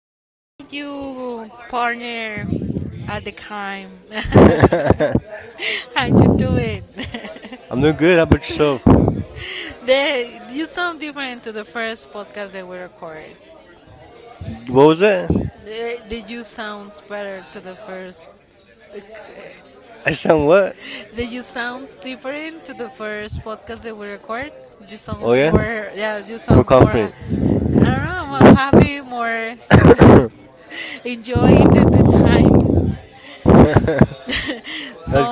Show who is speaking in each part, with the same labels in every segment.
Speaker 1: you partner at the crime.
Speaker 2: I'm
Speaker 1: How you doing?
Speaker 2: doing good. How about yourself?
Speaker 1: You sound different to the first podcast that we recorded. What?
Speaker 2: What was it?
Speaker 1: The you sounds better to the first.
Speaker 2: I
Speaker 1: So
Speaker 2: sound what?
Speaker 1: the you sounds different to the first podcast that we recorded. You
Speaker 2: Oh
Speaker 1: sounds
Speaker 2: yeah,
Speaker 1: more. Yeah, you
Speaker 2: we're
Speaker 1: sounds more.
Speaker 2: confident.
Speaker 1: I don't know. More happy. More
Speaker 2: That's
Speaker 1: enjoying the time.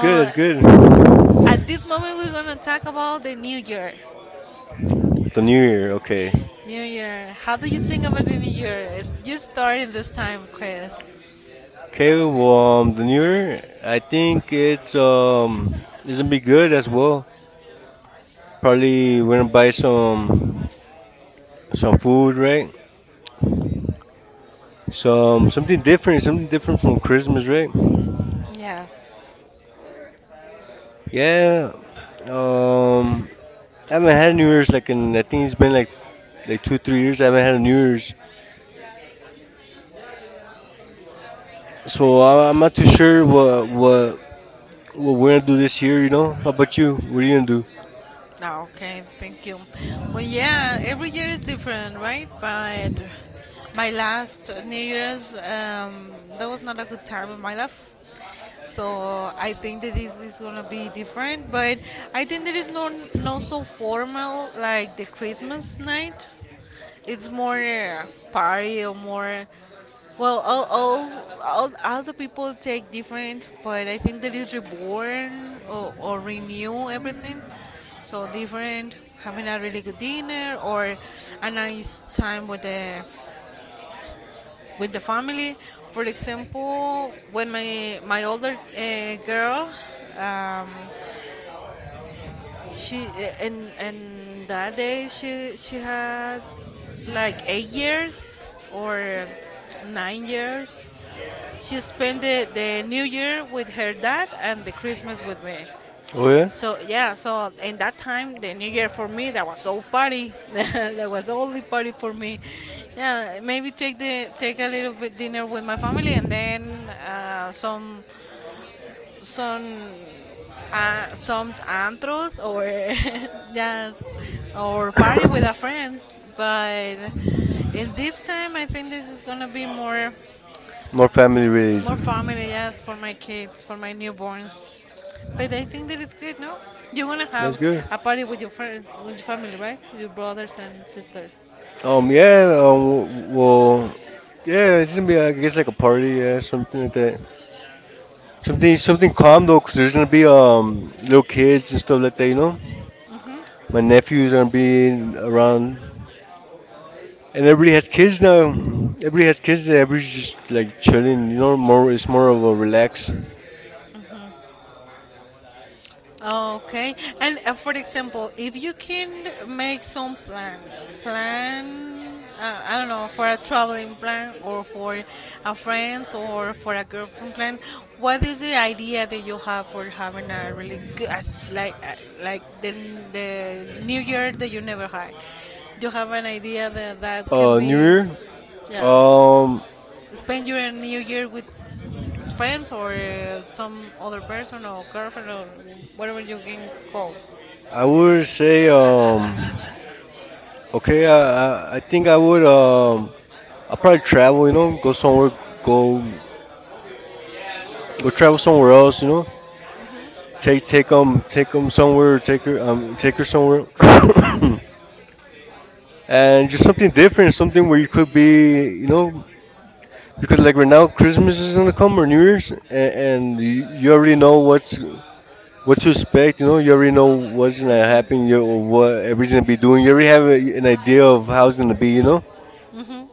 Speaker 2: good. That's good.
Speaker 1: at this moment, we're gonna talk about the new year.
Speaker 2: The New Year. Okay.
Speaker 1: New year. How do you think about the new year? It's just starting this time, Chris. Well,
Speaker 2: Okay. Well, the New Year. I think it's
Speaker 1: um,
Speaker 2: um, it's gonna be good
Speaker 1: well.
Speaker 2: as well. Probably we're gonna buy some food, right?
Speaker 1: Right?
Speaker 2: Some
Speaker 1: So
Speaker 2: something different. Something different from Christmas, right?
Speaker 1: right? Yes.
Speaker 2: Yeah. Um, I haven't
Speaker 1: like
Speaker 2: had New Year's like in I think it's been like 2 3 years. I
Speaker 1: like,
Speaker 2: haven't had a New Year's. So I'm not
Speaker 1: so,
Speaker 2: too
Speaker 1: sure,
Speaker 2: sure what
Speaker 1: and
Speaker 2: we're gonna do
Speaker 1: wilderness
Speaker 2: this year. You
Speaker 1: unity
Speaker 2: know, how
Speaker 1: of the
Speaker 2: about
Speaker 1: two
Speaker 2: you? What are you gonna
Speaker 1: communities.
Speaker 2: do?
Speaker 1: Ah, okay, thank you. Well, yeah, every year is different, right? But my last New Year's, that was not a good time in my life. So I think that this is gonna be different, but I think there is no no so formal like the Christmas night. It's more party or more. Well, all the people take different, but I think that is reborn or renew everything. So different, having a really good dinner or a nice time with the family. For example, when my older girl um, she and that day she had like 8 years or 9 years. She spent the New Year with her dad and the Christmas with me.
Speaker 2: Oh yeah,
Speaker 1: So yeah, so in that time the New Year for me that was all party. That was only party for me. Yeah, maybe take a little bit dinner with my family and then some some antros or yes, or party with our friends, but in this time I think this is gonna be more
Speaker 2: more family
Speaker 1: family,
Speaker 2: related.
Speaker 1: yes, for my kids, for my newborns. But I think that is good, no? You want to
Speaker 2: That's
Speaker 1: have
Speaker 2: good.
Speaker 1: a party with your friends, with your family, right, your brothers and sisters?
Speaker 2: Yeah. Well, yeah. It's gonna be, I guess, like a party. Yeah, something like that. Something calm though, 'cause there's gonna be
Speaker 1: um,
Speaker 2: little kids and stuff like that. You know, my nephews are gonna be around, and
Speaker 1: And everybody
Speaker 2: everybody
Speaker 1: has
Speaker 2: has
Speaker 1: kids
Speaker 2: kids
Speaker 1: now.
Speaker 2: now.
Speaker 1: Everybody
Speaker 2: Everybody
Speaker 1: has
Speaker 2: has
Speaker 1: kids
Speaker 2: kids. And
Speaker 1: now.
Speaker 2: everybody's just like
Speaker 1: Everybody's children,
Speaker 2: chilling. You know,
Speaker 1: young, old,
Speaker 2: more.
Speaker 1: it's
Speaker 2: It's more of a
Speaker 1: not the
Speaker 2: relaxed
Speaker 1: next. Okay. And for example, if you can make some plan, plan, I don't know, for a traveling plan or for a friends or for a girlfriend plan, what is the idea that you have for having a really good, like the New Year that you never had? Do you have an idea that that can
Speaker 2: New
Speaker 1: be,
Speaker 2: Year.
Speaker 1: yeah?
Speaker 2: Um,
Speaker 1: Spend your New Year with friends or some other person or girlfriend or whatever you can call.
Speaker 2: I would say, okay, I think I would, I probably travel, you know, go somewhere, go,
Speaker 1: Travel
Speaker 2: go travel somewhere else, you know,
Speaker 1: somewhere. Take,
Speaker 2: take,
Speaker 1: take
Speaker 2: take
Speaker 1: on,
Speaker 2: them,
Speaker 1: take
Speaker 2: take 'em
Speaker 1: on someone,
Speaker 2: somewhere, take her, um, take
Speaker 1: take
Speaker 2: her
Speaker 1: someone,
Speaker 2: somewhere,
Speaker 1: and
Speaker 2: and
Speaker 1: just
Speaker 2: just
Speaker 1: something
Speaker 2: something
Speaker 1: different,
Speaker 2: different,
Speaker 1: something
Speaker 2: something where
Speaker 1: where
Speaker 2: you could
Speaker 1: could be,
Speaker 2: be,
Speaker 1: you
Speaker 2: you know,
Speaker 1: know,
Speaker 2: because like
Speaker 1: like
Speaker 2: right
Speaker 1: right now,
Speaker 2: now Christmas
Speaker 1: Christmas
Speaker 2: is
Speaker 1: is
Speaker 2: gonna
Speaker 1: gonna come
Speaker 2: come or
Speaker 1: or
Speaker 2: New
Speaker 1: New
Speaker 2: Year's,
Speaker 1: Year's,
Speaker 2: and,
Speaker 1: and
Speaker 2: and you
Speaker 1: you
Speaker 2: already
Speaker 1: already know
Speaker 2: know what's
Speaker 1: what's what
Speaker 2: what
Speaker 1: to
Speaker 2: to
Speaker 1: expect.
Speaker 2: expect, you
Speaker 1: You
Speaker 2: know, you
Speaker 1: know, you
Speaker 2: already
Speaker 1: already
Speaker 2: know
Speaker 1: know
Speaker 2: what's
Speaker 1: what's gonna
Speaker 2: gonna
Speaker 1: happen,
Speaker 2: happen, you
Speaker 1: you
Speaker 2: or
Speaker 1: know what
Speaker 2: what
Speaker 1: we're
Speaker 2: everything's gonna
Speaker 1: gonna
Speaker 2: be
Speaker 1: be doing.
Speaker 2: doing, you
Speaker 1: You already
Speaker 2: already have
Speaker 1: have
Speaker 2: a, an
Speaker 1: an
Speaker 2: idea
Speaker 1: idea of
Speaker 2: of
Speaker 1: how
Speaker 2: how
Speaker 1: it's
Speaker 2: it's gonna
Speaker 1: gonna be,
Speaker 2: be, you
Speaker 1: you
Speaker 2: know.
Speaker 1: know. Mhm.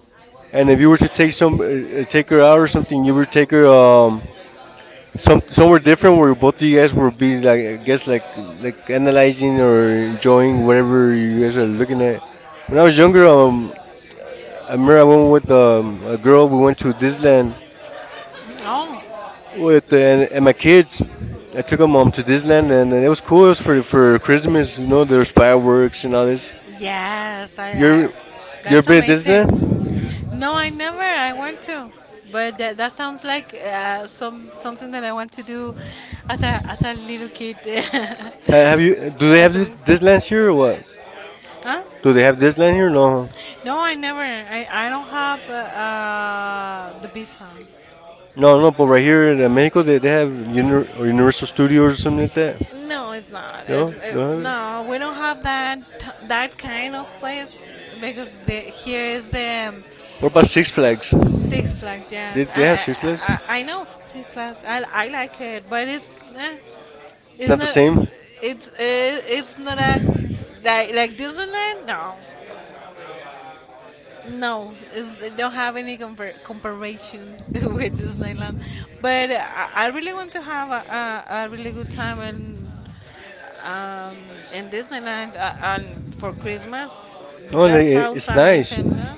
Speaker 1: And
Speaker 2: And if
Speaker 1: if you
Speaker 2: you
Speaker 1: were
Speaker 2: were to
Speaker 1: to
Speaker 2: take
Speaker 1: take
Speaker 2: take
Speaker 1: her
Speaker 2: her
Speaker 1: out
Speaker 2: out
Speaker 1: or
Speaker 2: or
Speaker 1: something,
Speaker 2: something, you
Speaker 1: you
Speaker 2: would
Speaker 1: would take
Speaker 2: take
Speaker 1: her
Speaker 2: her um
Speaker 1: some,
Speaker 2: some somewhere
Speaker 1: somewhere different
Speaker 2: different
Speaker 1: where
Speaker 2: where both
Speaker 1: both
Speaker 2: of
Speaker 1: of you
Speaker 2: you guys
Speaker 1: guys can
Speaker 2: would
Speaker 1: be
Speaker 2: be
Speaker 1: like,
Speaker 2: like, I
Speaker 1: yes,
Speaker 2: guess
Speaker 1: like
Speaker 2: like
Speaker 1: analyzing
Speaker 2: analyzing
Speaker 1: or
Speaker 2: or
Speaker 1: enjoying or
Speaker 2: enjoying
Speaker 1: whatever.
Speaker 2: whatever you guys are looking at. When
Speaker 1: When
Speaker 2: I
Speaker 1: I was
Speaker 2: was
Speaker 1: younger,
Speaker 2: younger,
Speaker 1: I
Speaker 2: I remember
Speaker 1: remember
Speaker 2: I
Speaker 1: I
Speaker 2: went
Speaker 1: went with
Speaker 2: with a
Speaker 1: a girl
Speaker 2: girl. We
Speaker 1: who went
Speaker 2: went
Speaker 1: to
Speaker 2: to
Speaker 1: Vista
Speaker 2: Disneyland
Speaker 1: and no.
Speaker 2: with uh,
Speaker 1: With
Speaker 2: and, and
Speaker 1: my
Speaker 2: my kids.
Speaker 1: kids.
Speaker 2: I
Speaker 1: I took
Speaker 2: took
Speaker 1: them
Speaker 2: them
Speaker 1: home to
Speaker 2: to Disneyland
Speaker 1: Disney, and
Speaker 2: and
Speaker 1: the
Speaker 2: it was
Speaker 1: next
Speaker 2: cool. It
Speaker 1: was
Speaker 2: was for for
Speaker 1: for
Speaker 2: Christmas,
Speaker 1: Christmas,
Speaker 2: you know.
Speaker 1: Amigos,
Speaker 2: There's fireworks
Speaker 1: fireworks, and
Speaker 2: and
Speaker 1: all
Speaker 2: all this.
Speaker 1: this. Yes,
Speaker 2: You're
Speaker 1: I.
Speaker 2: you ever
Speaker 1: That's
Speaker 2: been to
Speaker 1: amazing.
Speaker 2: Disneyland?
Speaker 1: No, I never. I want to, but that sounds like some something that I want to do as a little kid.
Speaker 2: Have you? Do they have
Speaker 1: As a
Speaker 2: Dis-
Speaker 1: Disney
Speaker 2: Disneyland here
Speaker 1: here?
Speaker 2: or what?
Speaker 1: What? Huh? Do
Speaker 2: Do
Speaker 1: they
Speaker 2: they have
Speaker 1: have Disney
Speaker 2: Disneyland
Speaker 1: here?
Speaker 2: here? No, huh?
Speaker 1: No. No, I never. I don't have the visa.
Speaker 2: No,
Speaker 1: No, no,
Speaker 2: no, but
Speaker 1: but right
Speaker 2: right here
Speaker 1: here, the
Speaker 2: in
Speaker 1: lake
Speaker 2: Mexico,
Speaker 1: of the
Speaker 2: they
Speaker 1: right
Speaker 2: have Uni- or
Speaker 1: the Universal
Speaker 2: Universal
Speaker 1: Studios, or
Speaker 2: Studios or something like that.
Speaker 1: something. No, it's not.
Speaker 2: No, no, have it?
Speaker 1: No, we don't have that kind of place because here is the
Speaker 2: What about Six Flags?
Speaker 1: Six Flags.
Speaker 2: They,
Speaker 1: Yes,
Speaker 2: they have Six Flags.
Speaker 1: I know Six Flags. I like it, but
Speaker 2: It's
Speaker 1: it's
Speaker 2: not the
Speaker 1: not,
Speaker 2: same.
Speaker 1: it's not a like Disneyland. No, no, it's, they don't have any comparison with Disneyland. But I really want to have a really good time um, in Disneyland and for Christmas.
Speaker 2: No,
Speaker 1: That
Speaker 2: it's
Speaker 1: sounds
Speaker 2: nice.
Speaker 1: amazing. No?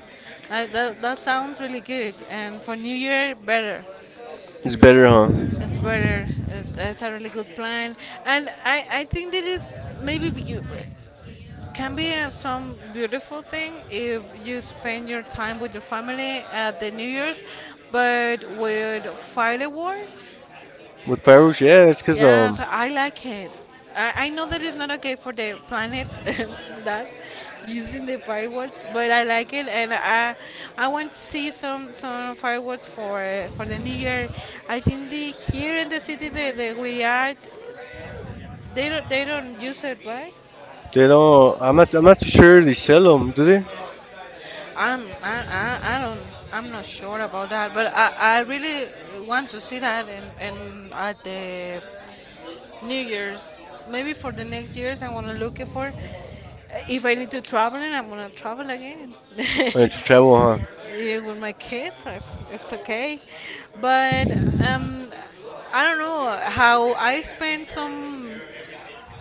Speaker 1: That sounds really good. And for New Year, better.
Speaker 2: It's better, huh?
Speaker 1: It's better. It's a really good plan. And I think that is maybe you can be some beautiful thing if you spend your time with your family at the New Year's, but with fireworks,
Speaker 2: With fireworks, yeah, it's 'cause
Speaker 1: yes, I like it. I know that it's not okay for the planet that using the fireworks, but I like it, and I want to see some fireworks for the New Year. I think the here in the city that we are, they don't use it, right?
Speaker 2: they don't. I'm not too sure they sell them, do they?
Speaker 1: I don't, I'm not sure about that, but I really want to see that and at the New Year's maybe for the next years I want to look it for. If I need to travel, and I'm gonna travel again.
Speaker 2: When you travel, huh?
Speaker 1: Yeah, with my kids, it's okay. But um, I don't know how I spent some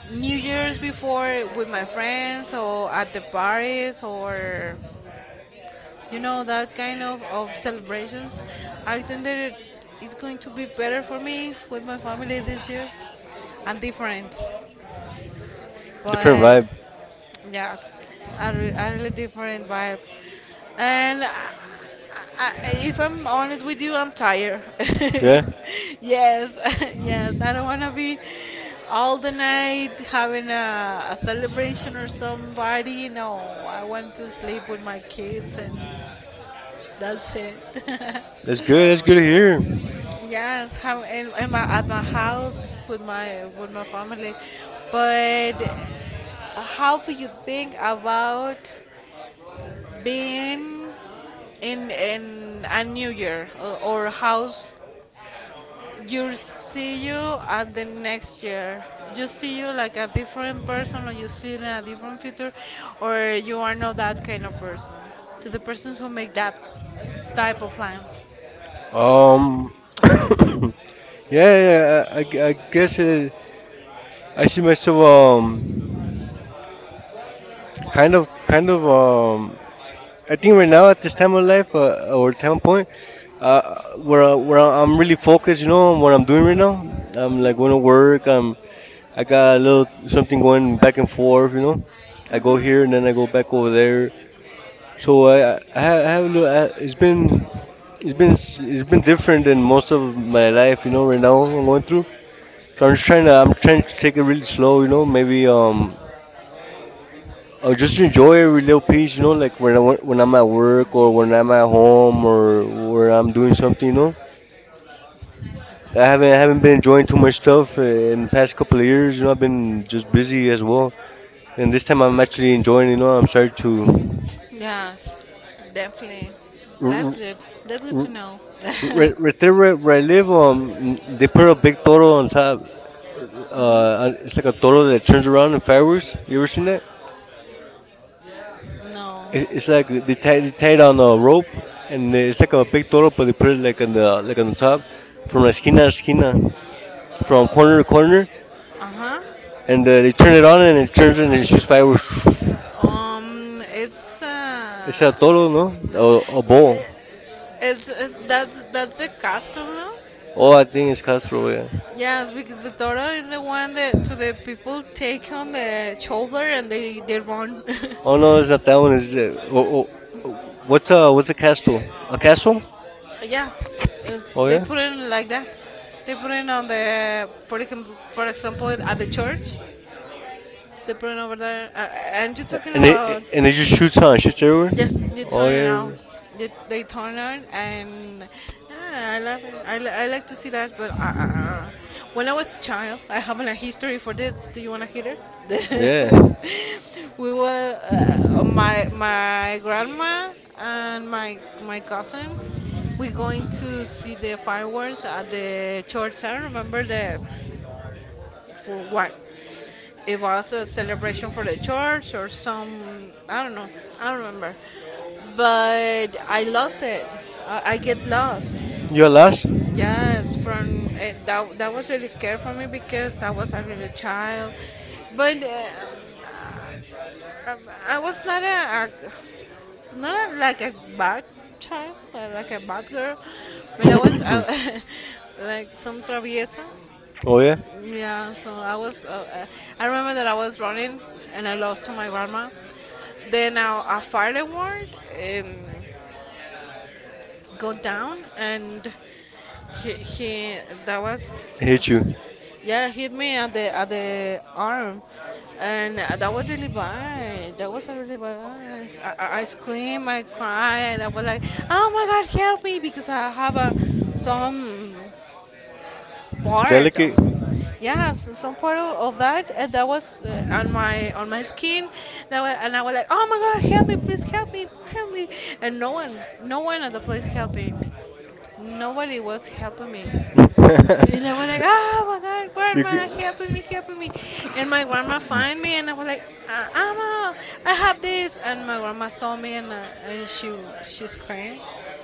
Speaker 1: New Year's before with my friends or at the parties or, you know, that kind of celebrations. I think that it's going to be better for me with my family this year, and different,
Speaker 2: Different
Speaker 1: but
Speaker 2: vibe.
Speaker 1: yes, a, a really different vibe. And I, if I'm honest with you, I'm tired.
Speaker 2: Yeah,
Speaker 1: Yes, yes, I don't want to be all the night having a celebration or somebody. No, I want to sleep with my kids, and that's it.
Speaker 2: that's good. That's good to hear.
Speaker 1: Yes, have in my at my house with my family. But how do you think about being in a new year or how's you see you at the next year? You see you like a different person, or you see in a different future, or you are not that kind of person. To the persons who make that type of plans. Um,
Speaker 2: Um, yeah,
Speaker 1: yeah,
Speaker 2: yeah. I,
Speaker 1: yeah,
Speaker 2: I I guess I see
Speaker 1: so.
Speaker 2: myself
Speaker 1: Um, Kind
Speaker 2: kind of
Speaker 1: of, kind
Speaker 2: kind of
Speaker 1: of. I
Speaker 2: I
Speaker 1: think
Speaker 2: think
Speaker 1: right
Speaker 2: right
Speaker 1: now
Speaker 2: now
Speaker 1: at
Speaker 2: at
Speaker 1: this
Speaker 2: this
Speaker 1: time
Speaker 2: time
Speaker 1: of
Speaker 2: of
Speaker 1: life,
Speaker 2: life,
Speaker 1: or
Speaker 2: or
Speaker 1: time
Speaker 2: time
Speaker 1: point,
Speaker 2: point, uh,
Speaker 1: where,
Speaker 2: where I- where
Speaker 1: where
Speaker 2: I-
Speaker 1: I'm
Speaker 2: I'm
Speaker 1: really
Speaker 2: really
Speaker 1: focused,
Speaker 2: focused,
Speaker 1: you
Speaker 2: you
Speaker 1: know,
Speaker 2: know,
Speaker 1: on
Speaker 2: on
Speaker 1: what
Speaker 2: what
Speaker 1: I'm
Speaker 2: I'm
Speaker 1: doing
Speaker 2: doing
Speaker 1: right
Speaker 2: right
Speaker 1: now.
Speaker 2: now.
Speaker 1: On
Speaker 2: I'm
Speaker 1: my, mhm,
Speaker 2: like going to
Speaker 1: school
Speaker 2: work.
Speaker 1: work.
Speaker 2: I'm
Speaker 1: I
Speaker 2: I
Speaker 1: got
Speaker 2: got
Speaker 1: a
Speaker 2: a
Speaker 1: little
Speaker 2: little
Speaker 1: something
Speaker 2: something
Speaker 1: going
Speaker 2: going
Speaker 1: back
Speaker 2: back
Speaker 1: and
Speaker 2: and
Speaker 1: forth, you
Speaker 2: forth, you
Speaker 1: know.
Speaker 2: know.
Speaker 1: I go,
Speaker 2: I
Speaker 1: mhm,
Speaker 2: go
Speaker 1: here
Speaker 2: here
Speaker 1: and
Speaker 2: and then I go
Speaker 1: there, back
Speaker 2: back
Speaker 1: over
Speaker 2: over there.
Speaker 1: there. So
Speaker 2: So I I ha-
Speaker 1: I,
Speaker 2: I
Speaker 1: had a
Speaker 2: have a little.
Speaker 1: little- I, it's
Speaker 2: It's
Speaker 1: been,
Speaker 2: been it's been s-
Speaker 1: it's
Speaker 2: it's
Speaker 1: been
Speaker 2: been
Speaker 1: different
Speaker 2: different
Speaker 1: than
Speaker 2: than
Speaker 1: most
Speaker 2: most of
Speaker 1: of my
Speaker 2: my
Speaker 1: life.
Speaker 2: life,
Speaker 1: I
Speaker 2: you know. Right
Speaker 1: don't know
Speaker 2: now
Speaker 1: what
Speaker 2: I'm going
Speaker 1: I'm doing.
Speaker 2: through.
Speaker 1: So
Speaker 2: So I'm just trying to
Speaker 1: I'm
Speaker 2: I'm
Speaker 1: trying
Speaker 2: trying to
Speaker 1: to take
Speaker 2: take it
Speaker 1: it really
Speaker 2: really
Speaker 1: slow,
Speaker 2: slow, you
Speaker 1: you know,
Speaker 2: know.
Speaker 1: maybe.
Speaker 2: Maybe
Speaker 1: I
Speaker 2: I
Speaker 1: just
Speaker 2: just
Speaker 1: enjoy
Speaker 2: enjoy every
Speaker 1: reading
Speaker 2: little piece,
Speaker 1: things,
Speaker 2: you know, like when I wa-
Speaker 1: you
Speaker 2: when
Speaker 1: know, like when I'm
Speaker 2: I'm
Speaker 1: at
Speaker 2: at
Speaker 1: work
Speaker 2: work
Speaker 1: or
Speaker 2: or when
Speaker 1: when I'm
Speaker 2: I'm at
Speaker 1: at home
Speaker 2: home or
Speaker 1: or
Speaker 2: where
Speaker 1: when I'm
Speaker 2: I'm
Speaker 1: doing
Speaker 2: doing something,
Speaker 1: something,
Speaker 2: you
Speaker 1: you
Speaker 2: know.
Speaker 1: know.
Speaker 2: I
Speaker 1: I
Speaker 2: haven't I
Speaker 1: haven't
Speaker 2: haven't been
Speaker 1: been enjoying
Speaker 2: enjoying
Speaker 1: too
Speaker 2: too
Speaker 1: much
Speaker 2: much stuff
Speaker 1: stuff in
Speaker 2: in
Speaker 1: the
Speaker 2: the
Speaker 1: past
Speaker 2: past
Speaker 1: couple
Speaker 2: couple
Speaker 1: of
Speaker 2: of
Speaker 1: years,
Speaker 2: years.
Speaker 1: you
Speaker 2: You
Speaker 1: know,
Speaker 2: know, I've
Speaker 1: I've been
Speaker 2: been just
Speaker 1: busy
Speaker 2: busy as
Speaker 1: as
Speaker 2: well,
Speaker 1: well. And
Speaker 2: and this
Speaker 1: this time
Speaker 2: time
Speaker 1: I'm
Speaker 2: I'm actually
Speaker 1: actually enjoying,
Speaker 2: enjoying. You
Speaker 1: you
Speaker 2: know,
Speaker 1: know, I'm
Speaker 2: I'm
Speaker 1: trying
Speaker 2: starting to.
Speaker 1: to, yes, definitely.
Speaker 2: r- r-
Speaker 1: That's good. That's good to
Speaker 2: r-
Speaker 1: know.
Speaker 2: right
Speaker 1: Right there
Speaker 2: there where,
Speaker 1: where
Speaker 2: where I
Speaker 1: I live,
Speaker 2: live,
Speaker 1: they
Speaker 2: they
Speaker 1: put
Speaker 2: put a
Speaker 1: a big
Speaker 2: big
Speaker 1: photo
Speaker 2: toro
Speaker 1: on
Speaker 2: on top.
Speaker 1: top,
Speaker 2: It's like a
Speaker 1: photo
Speaker 2: toro that
Speaker 1: that turns
Speaker 2: turns
Speaker 1: around
Speaker 2: around
Speaker 1: in
Speaker 2: in fireworks.
Speaker 1: fireworks, have you
Speaker 2: You
Speaker 1: ever
Speaker 2: ever
Speaker 1: seen
Speaker 2: seen that?
Speaker 1: it? No.
Speaker 2: It,
Speaker 1: It's
Speaker 2: it's
Speaker 1: like
Speaker 2: like they
Speaker 1: they
Speaker 2: tie
Speaker 1: tied, tied
Speaker 2: it
Speaker 1: on a
Speaker 2: on a
Speaker 1: rope
Speaker 2: rope,
Speaker 1: and
Speaker 2: and
Speaker 1: they
Speaker 2: it's
Speaker 1: stick
Speaker 2: like
Speaker 1: a
Speaker 2: a big
Speaker 1: big
Speaker 2: toro,
Speaker 1: rope
Speaker 2: but
Speaker 1: and
Speaker 2: they
Speaker 1: put
Speaker 2: put it
Speaker 1: it like
Speaker 2: like
Speaker 1: in
Speaker 2: on the like
Speaker 1: on the
Speaker 2: on the
Speaker 1: top,
Speaker 2: top,
Speaker 1: on
Speaker 2: from
Speaker 1: the
Speaker 2: la esquina to
Speaker 1: esquina,
Speaker 2: esquina,
Speaker 1: from
Speaker 2: from
Speaker 1: corner to
Speaker 2: corner to
Speaker 1: corner.
Speaker 2: corner,
Speaker 1: Uh huh. And
Speaker 2: and
Speaker 1: they
Speaker 2: they
Speaker 1: turn
Speaker 2: turn
Speaker 1: it
Speaker 2: it
Speaker 1: on
Speaker 2: on
Speaker 1: and
Speaker 2: and
Speaker 1: it
Speaker 2: it
Speaker 1: turns
Speaker 2: turns
Speaker 1: and
Speaker 2: and it
Speaker 1: it's
Speaker 2: shoots
Speaker 1: just
Speaker 2: fireworks.
Speaker 1: diamonds. Huh. It's
Speaker 2: It's a toro, no? A bowl.
Speaker 1: it, it's it, that's the custom now. Oh,
Speaker 2: Oh,
Speaker 1: I
Speaker 2: I
Speaker 1: think
Speaker 2: think
Speaker 1: it's
Speaker 2: it's
Speaker 1: got
Speaker 2: Castro. Yeah.
Speaker 1: yes, because the Torah is the one that to the people take on the shoulder and they run. One of the
Speaker 2: Oh no, it's not that one. It's
Speaker 1: flowers.
Speaker 2: oh, what's a
Speaker 1: What's
Speaker 2: what's
Speaker 1: the
Speaker 2: a
Speaker 1: castle?
Speaker 2: castle? A
Speaker 1: Castle?
Speaker 2: castle?
Speaker 1: Yeah, it's,
Speaker 2: Oh
Speaker 1: they
Speaker 2: yeah.
Speaker 1: put it like that. They put it on the, for example, at the church. The brand over there. And you're talking and
Speaker 2: And
Speaker 1: about it, and
Speaker 2: and it
Speaker 1: it's just
Speaker 2: just shoots
Speaker 1: two
Speaker 2: on
Speaker 1: times, just
Speaker 2: shoots
Speaker 1: two.
Speaker 2: everywhere.
Speaker 1: Yes, you
Speaker 2: Oh
Speaker 1: turn it on.
Speaker 2: yeah,
Speaker 1: They turn it, and yeah, I love it. I like to see that. But when I was a child, I have a history for this. Do you want to hear
Speaker 2: yeah.
Speaker 1: it? We were my grandma and my cousin. We're going to see the fireworks at the church. I don't remember the for what it was a celebration for the church or some. I don't know. I don't remember. But I lost it. I get lost.
Speaker 2: You are last.
Speaker 1: Lost? Yes, from that was really scary for me because I was a little child, but I, I was not a not like a bad child, like a bad girl, but I was like some traviesa.
Speaker 2: oh yeah,
Speaker 1: Yeah, so I was, I remember that I was running and I lost to my grandma. Then a firework um, go down and he that was
Speaker 2: I hate you.
Speaker 1: yeah, hit me at the arm, and that was really bad, that was really bad. I screamed, I cried, I was like, oh my God, help me, because I have a some part of,
Speaker 2: Delicate.
Speaker 1: yes, some part of that, and that was on my skin, that was, and I was like, oh my God, help me, please help me, help me. And no one, no one at the place helping me, nobody was helping me. And I was like, oh my God,
Speaker 2: You g
Speaker 1: grandma, help me, help me. And my grandma find me, and I was like, Amma, I have this. And my grandma saw me, and she screamed,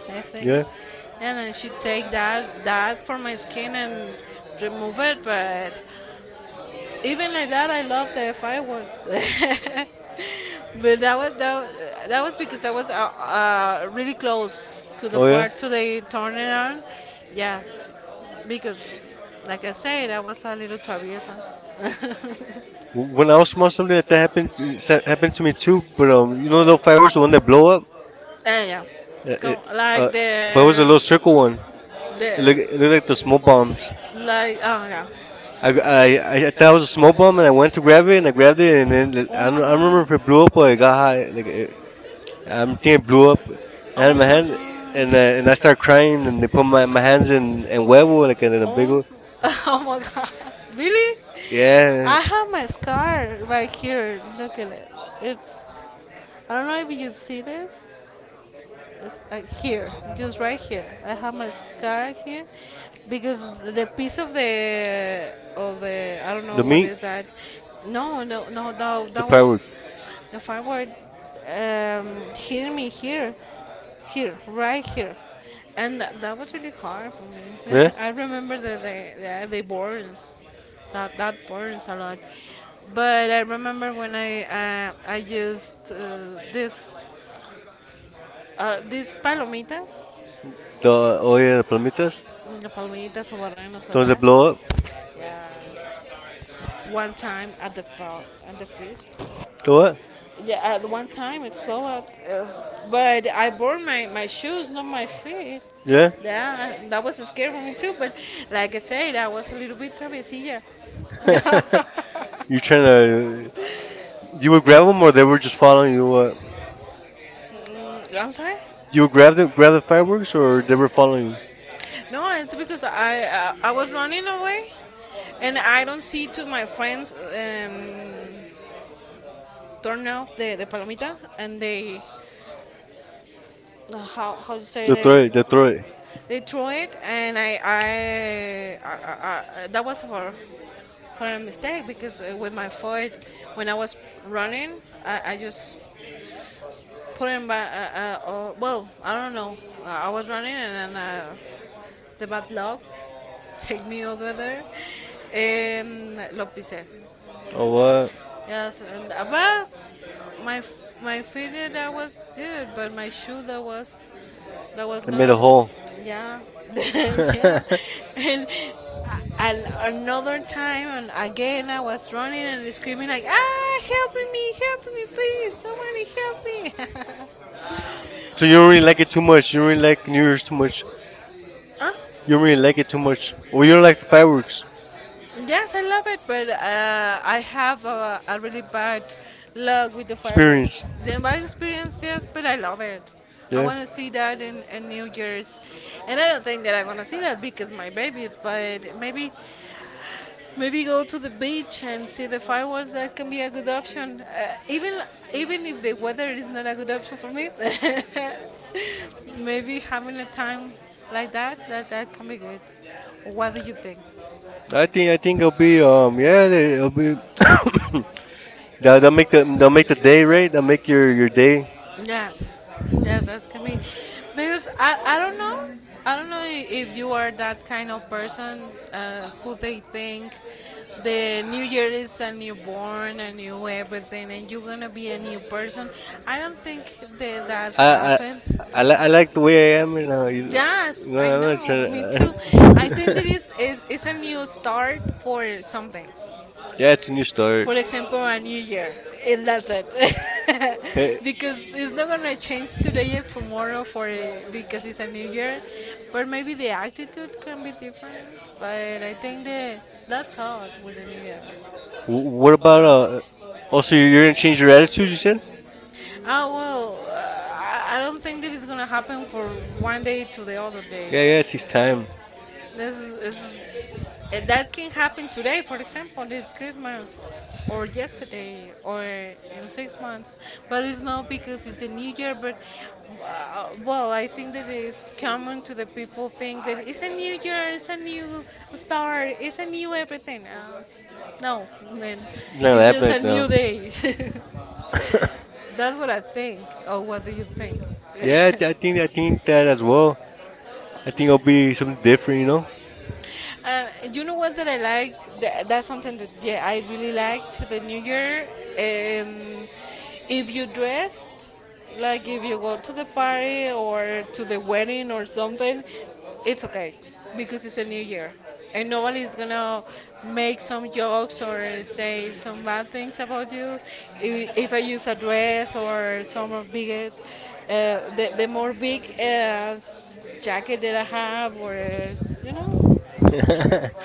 Speaker 1: I think.
Speaker 2: yeah.
Speaker 1: And then she take that for my skin and remove it, but even like that, I love the fireworks. But that was that was because I was really close to the
Speaker 2: Oh yeah.
Speaker 1: part to the turnaround. Yes, because like I said, I was a little traviesa. When
Speaker 2: When
Speaker 1: I
Speaker 2: I
Speaker 1: was
Speaker 2: was
Speaker 1: small,
Speaker 2: small,
Speaker 1: something
Speaker 2: something like
Speaker 1: like
Speaker 2: that happened it's
Speaker 1: that
Speaker 2: happened
Speaker 1: happened
Speaker 2: to
Speaker 1: to me
Speaker 2: me
Speaker 1: too.
Speaker 2: too.
Speaker 1: You
Speaker 2: But
Speaker 1: know,
Speaker 2: you
Speaker 1: no,
Speaker 2: know,
Speaker 1: no
Speaker 2: the fireworks,
Speaker 1: fireworks,
Speaker 2: the
Speaker 1: the
Speaker 2: one that
Speaker 1: one blow
Speaker 2: blow
Speaker 1: up.
Speaker 2: up.
Speaker 1: And yeah,
Speaker 2: Uh, it,
Speaker 1: so
Speaker 2: uh,
Speaker 1: like
Speaker 2: but it was a
Speaker 1: there
Speaker 2: little
Speaker 1: was a the little circle
Speaker 2: circle one.
Speaker 1: one. The
Speaker 2: It looked it looked like
Speaker 1: like the
Speaker 2: the smoke
Speaker 1: smoke bombs.
Speaker 2: bombs.
Speaker 1: Like oh yeah,
Speaker 2: I
Speaker 1: I,
Speaker 2: I
Speaker 1: I
Speaker 2: I I
Speaker 1: that
Speaker 2: thought it
Speaker 1: was a
Speaker 2: was a smoke
Speaker 1: smoke
Speaker 2: bomb,
Speaker 1: bomb,
Speaker 2: and
Speaker 1: and
Speaker 2: I
Speaker 1: I went
Speaker 2: went
Speaker 1: to
Speaker 2: to
Speaker 1: grab
Speaker 2: grab it,
Speaker 1: it, and
Speaker 2: and
Speaker 1: I
Speaker 2: I grabbed
Speaker 1: grabbed it,
Speaker 2: it,
Speaker 1: and
Speaker 2: and
Speaker 1: then
Speaker 2: then I
Speaker 1: oh
Speaker 2: don't,
Speaker 1: my
Speaker 2: I don't remember
Speaker 1: God,
Speaker 2: if
Speaker 1: it
Speaker 2: it blew
Speaker 1: blew
Speaker 2: up
Speaker 1: up
Speaker 2: or
Speaker 1: or it
Speaker 2: it got high. I'm thinking
Speaker 1: everything
Speaker 2: it blew
Speaker 1: blew up.
Speaker 2: up. And
Speaker 1: And
Speaker 2: I had
Speaker 1: oh my
Speaker 2: my
Speaker 1: my hand-
Speaker 2: hand,
Speaker 1: god.
Speaker 2: and uh, and
Speaker 1: And I
Speaker 2: I started
Speaker 1: started crying
Speaker 2: crying, and
Speaker 1: and I
Speaker 2: they
Speaker 1: put
Speaker 2: put
Speaker 1: my,
Speaker 2: my,
Speaker 1: my
Speaker 2: my
Speaker 1: hands
Speaker 2: hands
Speaker 1: in
Speaker 2: in and
Speaker 1: a web and
Speaker 2: huevo
Speaker 1: I
Speaker 2: like
Speaker 1: got
Speaker 2: in
Speaker 1: it.
Speaker 2: a big
Speaker 1: Oh,
Speaker 2: one.
Speaker 1: piece. Oh my God. Really? Yeah.
Speaker 2: Yeah,
Speaker 1: I have my scar right here. Look at it. It's. I don't know if you see this. It's, here, just right here. I have my scar here because the piece of the I don't know
Speaker 2: the
Speaker 1: what
Speaker 2: meat,
Speaker 1: is that. No, no, no. That,
Speaker 2: the
Speaker 1: that was
Speaker 2: firework.
Speaker 1: the firework. Um, Hit me here, here, right here, and that was really hard for me.
Speaker 2: Yeah.
Speaker 1: I remember that they the burns that that burns a lot. But I remember when I used this these palomitas,
Speaker 2: The oh yeah, the Prometheus.
Speaker 1: the palmitas or barrenos
Speaker 2: So the one that
Speaker 1: or
Speaker 2: blow up,
Speaker 1: yes. One time at at the field.
Speaker 2: the what?
Speaker 1: Yeah, at one time it's blowout. But I burned my, my shoes, not my feet.
Speaker 2: Yeah.
Speaker 1: Yeah, that was scary for me too. But like I said, that was a little bit travesilla. Kind
Speaker 2: You trying to? You would grab them, or they were just following you? What?
Speaker 1: I'm sorry.
Speaker 2: You would grab the fireworks, or they were following you?
Speaker 1: No, it's because I was running away, and I don't see to my friends turn off the palomita, and they how you say
Speaker 2: They throw it. They throw it.
Speaker 1: they throw it, and I that was for a mistake because with my foot when I was running, I just put it in my well I don't know I was running and then. Uh, The Bad Luck, Take Me Over There, and Lopise.
Speaker 2: Oh what?
Speaker 1: Yes, and about my failure that was good, but my shoe that was
Speaker 2: They made
Speaker 1: not.
Speaker 2: a hole.
Speaker 1: Yeah, yeah,
Speaker 2: So
Speaker 1: and. And another time, and again, I was running and screaming like, "Ah, help me! Help me, please! Somebody help me!" So you
Speaker 2: you
Speaker 1: don't
Speaker 2: don't
Speaker 1: really
Speaker 2: really
Speaker 1: like
Speaker 2: like
Speaker 1: it
Speaker 2: it
Speaker 1: too
Speaker 2: too
Speaker 1: much.
Speaker 2: much.
Speaker 1: You
Speaker 2: You
Speaker 1: don't
Speaker 2: don't really
Speaker 1: really like
Speaker 2: like
Speaker 1: New
Speaker 2: New
Speaker 1: Year's
Speaker 2: Year's
Speaker 1: too
Speaker 2: too
Speaker 1: much.
Speaker 2: much.
Speaker 1: Huh? You
Speaker 2: You don't
Speaker 1: don't really
Speaker 2: really
Speaker 1: like
Speaker 2: like
Speaker 1: it
Speaker 2: it too
Speaker 1: too much.
Speaker 2: much.
Speaker 1: Well,
Speaker 2: Or you
Speaker 1: you
Speaker 2: don't
Speaker 1: like
Speaker 2: like the fireworks
Speaker 1: fireworks. Yes, I love it, but I have a really bad luck with the fireworks.
Speaker 2: experience.
Speaker 1: Then my experience, yes, but I love it. I
Speaker 2: Yeah.
Speaker 1: want to see that in New Year's, and I don't think that I'm gonna see that because my baby is. But maybe maybe go to the beach and see the fireworks. That can be a good option. Even even if the weather is not a good option for me, maybe having a time like that that that can be good. What do you think?
Speaker 2: I think it'll be yeah it'll be that will
Speaker 1: They'll
Speaker 2: they'll
Speaker 1: make
Speaker 2: make
Speaker 1: the
Speaker 2: the
Speaker 1: day
Speaker 2: day
Speaker 1: right.
Speaker 2: right.
Speaker 1: They
Speaker 2: They'll make
Speaker 1: make
Speaker 2: your
Speaker 1: your
Speaker 2: your
Speaker 1: day.
Speaker 2: day.
Speaker 1: Yes, yes, that's can be, because I don't know if you are that kind of person who they think the new year is a newborn, a new everything, and you're gonna be a new person. I don't think that that
Speaker 2: I I
Speaker 1: happens.
Speaker 2: I like the way I am right now. You know,
Speaker 1: Yes, I
Speaker 2: I'm not
Speaker 1: know,
Speaker 2: trying
Speaker 1: me
Speaker 2: to.
Speaker 1: too. I think there is a new start for something.
Speaker 2: Yeah, it's a new start.
Speaker 1: For example, a new year, and that's it.
Speaker 2: Hey,
Speaker 1: Because it's not gonna change today or tomorrow for because it's a new year, but maybe the attitude can be different. But I think that that's hard with the new year.
Speaker 2: wh-
Speaker 1: What
Speaker 2: what
Speaker 1: about
Speaker 2: about uh?
Speaker 1: also
Speaker 2: Also,
Speaker 1: you're
Speaker 2: you're
Speaker 1: gonna
Speaker 2: gonna
Speaker 1: change
Speaker 2: change your
Speaker 1: your attitude?
Speaker 2: attitude.
Speaker 1: You
Speaker 2: You
Speaker 1: said?
Speaker 2: said?
Speaker 1: Ah well, I don't think that it's gonna happen for one day to the other day.
Speaker 2: Yeah, yeah. It takes time.
Speaker 1: This is that can happen today, for example, it's Christmas, or yesterday, or in 6 months. But it's not because it's the new year. But well, I think that it's common to the people think that it's a new year, it's a new start, it's a new everything. No, man,
Speaker 2: It's not
Speaker 1: it's just
Speaker 2: happening
Speaker 1: a
Speaker 2: now.
Speaker 1: new day. That's what I think. Or what do you think?
Speaker 2: yeah, I think that as well. I think it'll be something different. You know.
Speaker 1: And you know what that I liked? That's something that yeah I really liked the New Year. Um, if you dressed like if you go to the party or to the wedding or something, it's okay because it's a New Year, and nobody is gonna make some jokes or say some bad things about you. If I use a dress or some of biggest, the more big jacket that I have or you know.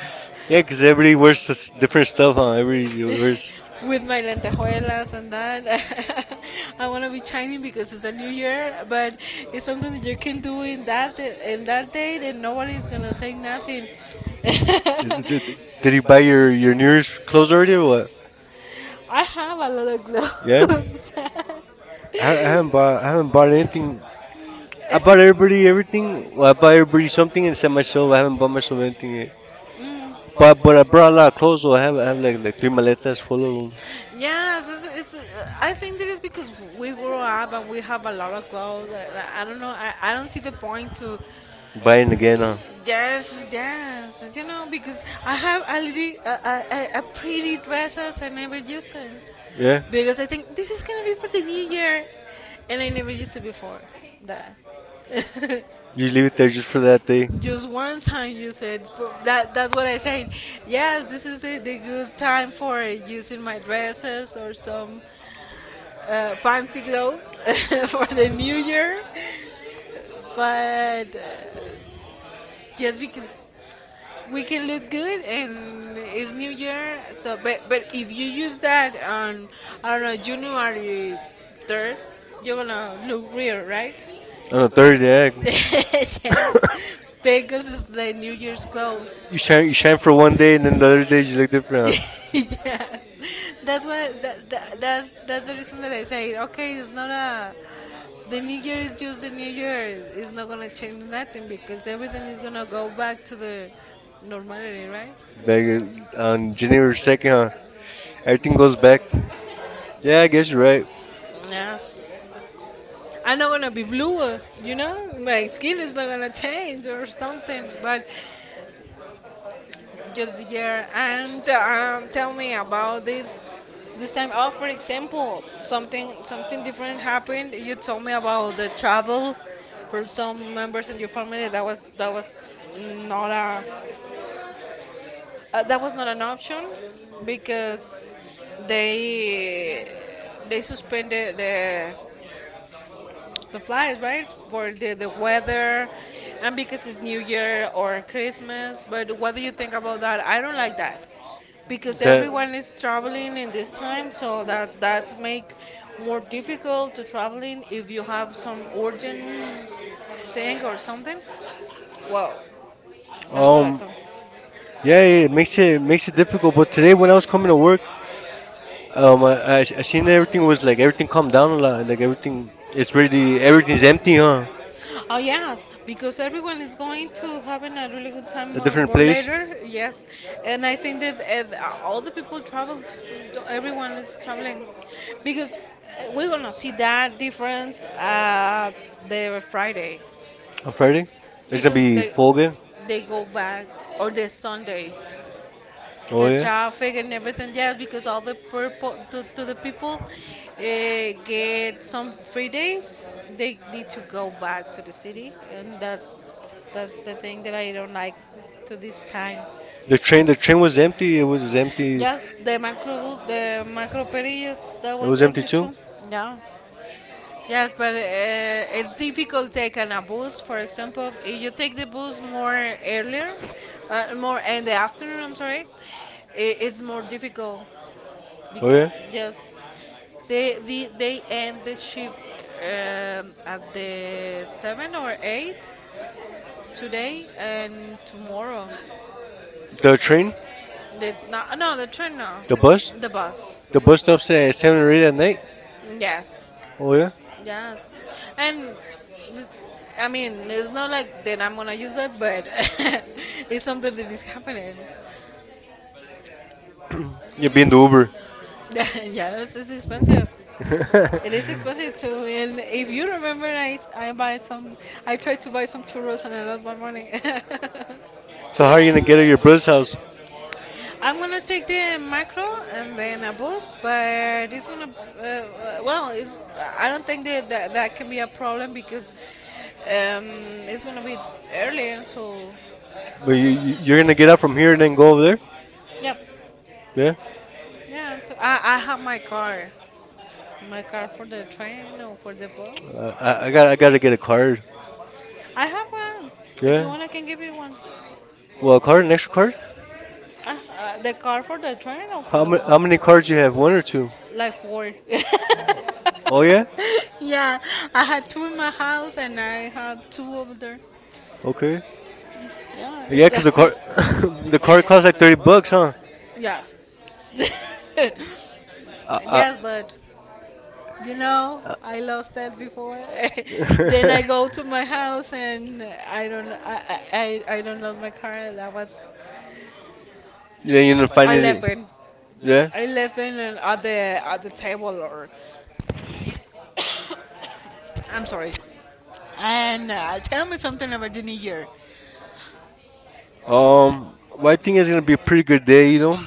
Speaker 2: Yeah, 'cause
Speaker 1: Because
Speaker 2: everybody
Speaker 1: everybody
Speaker 2: wears
Speaker 1: wears
Speaker 2: such
Speaker 1: the
Speaker 2: different
Speaker 1: first belt
Speaker 2: stuff, huh? Everybody wears.
Speaker 1: on. With my lentejuelas and that. I want to be shining because it's a new year, but it's something that you can do in that date, and nobody's gonna say nothing. Did
Speaker 2: Did,
Speaker 1: you
Speaker 2: did, did you
Speaker 1: buy
Speaker 2: buy
Speaker 1: your
Speaker 2: your
Speaker 1: New
Speaker 2: New
Speaker 1: Year's
Speaker 2: Year's
Speaker 1: clothes
Speaker 2: clothes
Speaker 1: already?
Speaker 2: already or
Speaker 1: Or what?
Speaker 2: what?
Speaker 1: I have a lot of yeah?
Speaker 2: Yeah.
Speaker 1: Clothes.
Speaker 2: I, I haven't bought I haven't
Speaker 1: You bought
Speaker 2: bought
Speaker 1: everybody,
Speaker 2: anything.
Speaker 1: you
Speaker 2: I
Speaker 1: it's bought
Speaker 2: bought
Speaker 1: everybody
Speaker 2: everybody everything.
Speaker 1: everything?
Speaker 2: Well, I
Speaker 1: Well, I
Speaker 2: bought
Speaker 1: buy
Speaker 2: everybody
Speaker 1: everybody some
Speaker 2: something
Speaker 1: clothes
Speaker 2: except
Speaker 1: and my son,
Speaker 2: myself.
Speaker 1: I
Speaker 2: I haven't
Speaker 1: haven't
Speaker 2: bought
Speaker 1: bought myself
Speaker 2: myself anything
Speaker 1: anything.
Speaker 2: yet. But I brought a lot
Speaker 1: uh,
Speaker 2: of clothes. So I have like three maletas full of them.
Speaker 1: Yes, it's. I think that is because we grow up and we have a lot of clothes. I don't know. I don't see the point to.
Speaker 2: Buying again, huh?
Speaker 1: Yes, yes. You know, because I have already a pretty dresses I never used it. Yeah.
Speaker 2: Yeah.
Speaker 1: Because I think this is gonna be for the new year, and I never used it before. That.
Speaker 2: You leave it there just for that day.
Speaker 1: Just one time you said "Bro, that. That's what I said. Yes, this is the good time for using my dresses or some fancy clothes for the new year. But just because we can look good and it's new year, so but if you use that on I don't know January third, you're gonna look real, right?
Speaker 2: On a Thursday, yeah.
Speaker 1: Yeah. Pegasus is like New Year's clothes.
Speaker 2: you
Speaker 1: Shine,
Speaker 2: shine you
Speaker 1: shine
Speaker 2: shine
Speaker 1: for
Speaker 2: for
Speaker 1: one
Speaker 2: one
Speaker 1: day
Speaker 2: day,
Speaker 1: and
Speaker 2: and
Speaker 1: then
Speaker 2: then
Speaker 1: the
Speaker 2: the
Speaker 1: other
Speaker 2: other day you look
Speaker 1: day
Speaker 2: different. Huh?
Speaker 1: is visible. Yes, that's what that's the reason that I say okay, it's not a the new year is just the new year. It's not gonna change nothing because everything is gonna go back to the normality, right? Maybe
Speaker 2: Back in-
Speaker 1: on
Speaker 2: on
Speaker 1: January
Speaker 2: January
Speaker 1: 2nd,
Speaker 2: second, huh?
Speaker 1: everything
Speaker 2: Everything
Speaker 1: goes
Speaker 2: goes
Speaker 1: back.
Speaker 2: back.
Speaker 1: To. Yeah, I
Speaker 2: Yeah, I
Speaker 1: guess
Speaker 2: guess
Speaker 1: you're
Speaker 2: you're right.
Speaker 1: right. Yes. I'm not gonna be blue, you know. My skin is not gonna change or something. But just the year. And tell me about this. This time, oh, for example, something something different happened. You told me about the travel for some members in your family. That was not a that was not an option because they they suspended the flies, right? For the weather and because it's New Year or Christmas. But what do you think about that? I don't like that because
Speaker 2: That
Speaker 1: everyone is traveling in this time, so that that make more difficult to traveling if you have some urgent thing or something. Well, that's what I
Speaker 2: um
Speaker 1: think.
Speaker 2: yeah,
Speaker 1: Yeah,
Speaker 2: it makes it
Speaker 1: it
Speaker 2: makes
Speaker 1: makes
Speaker 2: it
Speaker 1: it difficult.
Speaker 2: difficult. But
Speaker 1: But
Speaker 2: today
Speaker 1: today,
Speaker 2: when
Speaker 1: when
Speaker 2: I
Speaker 1: I
Speaker 2: was
Speaker 1: was coming
Speaker 2: coming
Speaker 1: to
Speaker 2: to
Speaker 1: work,
Speaker 2: work, I, I
Speaker 1: I
Speaker 2: I
Speaker 1: seen
Speaker 2: seen everything
Speaker 1: everything was
Speaker 2: was
Speaker 1: like
Speaker 2: like
Speaker 1: everything
Speaker 2: everything calmed
Speaker 1: come down,
Speaker 2: down a
Speaker 1: and
Speaker 2: lot.
Speaker 1: like
Speaker 2: Like
Speaker 1: everything
Speaker 2: everything,
Speaker 1: was
Speaker 2: it's
Speaker 1: ready.
Speaker 2: really
Speaker 1: Everything's
Speaker 2: everything's empty,
Speaker 1: empty
Speaker 2: huh?
Speaker 1: now. Oh yes, because everyone is going to having a really good time
Speaker 2: A
Speaker 1: more,
Speaker 2: different
Speaker 1: more
Speaker 2: place
Speaker 1: later. Yes, and I think that all the people travel. Everyone is traveling because we're gonna see that difference the Friday
Speaker 2: on Friday. It's gonna
Speaker 1: because
Speaker 2: be full again.
Speaker 1: they go back or the Sunday
Speaker 2: Oh
Speaker 1: the
Speaker 2: yeah.
Speaker 1: traffic and everything. Yes, because all the purple to the people get some free days. They need to go back to the city, and that's the thing that I don't like to this time.
Speaker 2: The
Speaker 1: The train,
Speaker 2: train, the
Speaker 1: the train
Speaker 2: train
Speaker 1: was
Speaker 2: was
Speaker 1: empty.
Speaker 2: empty. It was empty.
Speaker 1: Yes, the macro perillas that
Speaker 2: It
Speaker 1: was
Speaker 2: was empty
Speaker 1: empty
Speaker 2: too.
Speaker 1: too. Yes. Yes, but it's difficult taking a bus. For example, if you take the bus more earlier, more in the afternoon. I'm sorry, it's more difficult
Speaker 2: Oh yeah.
Speaker 1: because yes, they end the shift at the seven or eight today and tomorrow. The
Speaker 2: The
Speaker 1: train,
Speaker 2: train,
Speaker 1: no, no the train no,
Speaker 2: the
Speaker 1: the bus,
Speaker 2: bus,
Speaker 1: the
Speaker 2: the
Speaker 1: bus.
Speaker 2: bus
Speaker 1: bus
Speaker 2: stops
Speaker 1: stops at
Speaker 2: at
Speaker 1: seven.
Speaker 2: 7 or 8 at night.
Speaker 1: Yes.
Speaker 2: Oh yeah.
Speaker 1: Yes, and th- I mean, it's not like that I'm gonna use it, but it's something that is happening.
Speaker 2: You're being the
Speaker 1: It's
Speaker 2: Uber.
Speaker 1: yes, it's expensive. It is expensive too. And if you remember, I buy some. I tried to buy some churros and I lost my money.
Speaker 2: So how are you gonna get to your brother's house?
Speaker 1: I'm gonna take the macro and then a bus, but it's gonna well, it's I don't think that, that can be a problem because um, it's gonna be early, so you
Speaker 2: But you're gonna get out from here and then go over there.
Speaker 1: yep,
Speaker 2: Yeah.
Speaker 1: yeah. So I have my car for the train or for the bus.
Speaker 2: I, I
Speaker 1: I
Speaker 2: got I gotta get a card.
Speaker 1: have one. If you
Speaker 2: Yeah.
Speaker 1: want, I can give you one. Well,
Speaker 2: Well, a card, an extra card.
Speaker 1: The car for the train or for
Speaker 2: How
Speaker 1: the
Speaker 2: many
Speaker 1: one?
Speaker 2: how
Speaker 1: How many
Speaker 2: many
Speaker 1: cars do
Speaker 2: cards
Speaker 1: you
Speaker 2: you
Speaker 1: have?
Speaker 2: have?
Speaker 1: One
Speaker 2: One
Speaker 1: or
Speaker 2: or two?
Speaker 1: two? Like four.
Speaker 2: Oh yeah.
Speaker 1: Yeah, I had two in my house and I have two over there.
Speaker 2: Okay.
Speaker 1: The yeah. The
Speaker 2: Yeah, 'cause the
Speaker 1: extra book.
Speaker 2: card
Speaker 1: The
Speaker 2: the card
Speaker 1: close ones are
Speaker 2: costs like
Speaker 1: thirty
Speaker 2: thirty
Speaker 1: bucks,
Speaker 2: bucks,
Speaker 1: huh?
Speaker 2: huh?
Speaker 1: Yes.
Speaker 2: Uh, uh,
Speaker 1: Yes, but
Speaker 2: uh,
Speaker 1: I lost that before. Then I go to my house and I don't, I, I, I don't lose my car. That was
Speaker 2: yeah,
Speaker 1: then you
Speaker 2: you're
Speaker 1: know,
Speaker 2: gonna
Speaker 1: find
Speaker 2: find it.
Speaker 1: 11.
Speaker 2: Yeah.
Speaker 1: Yeah. 11 and at the table or I'm sorry. And tell me something about the new year.
Speaker 2: Well, I think it's gonna be a pretty good day. You know,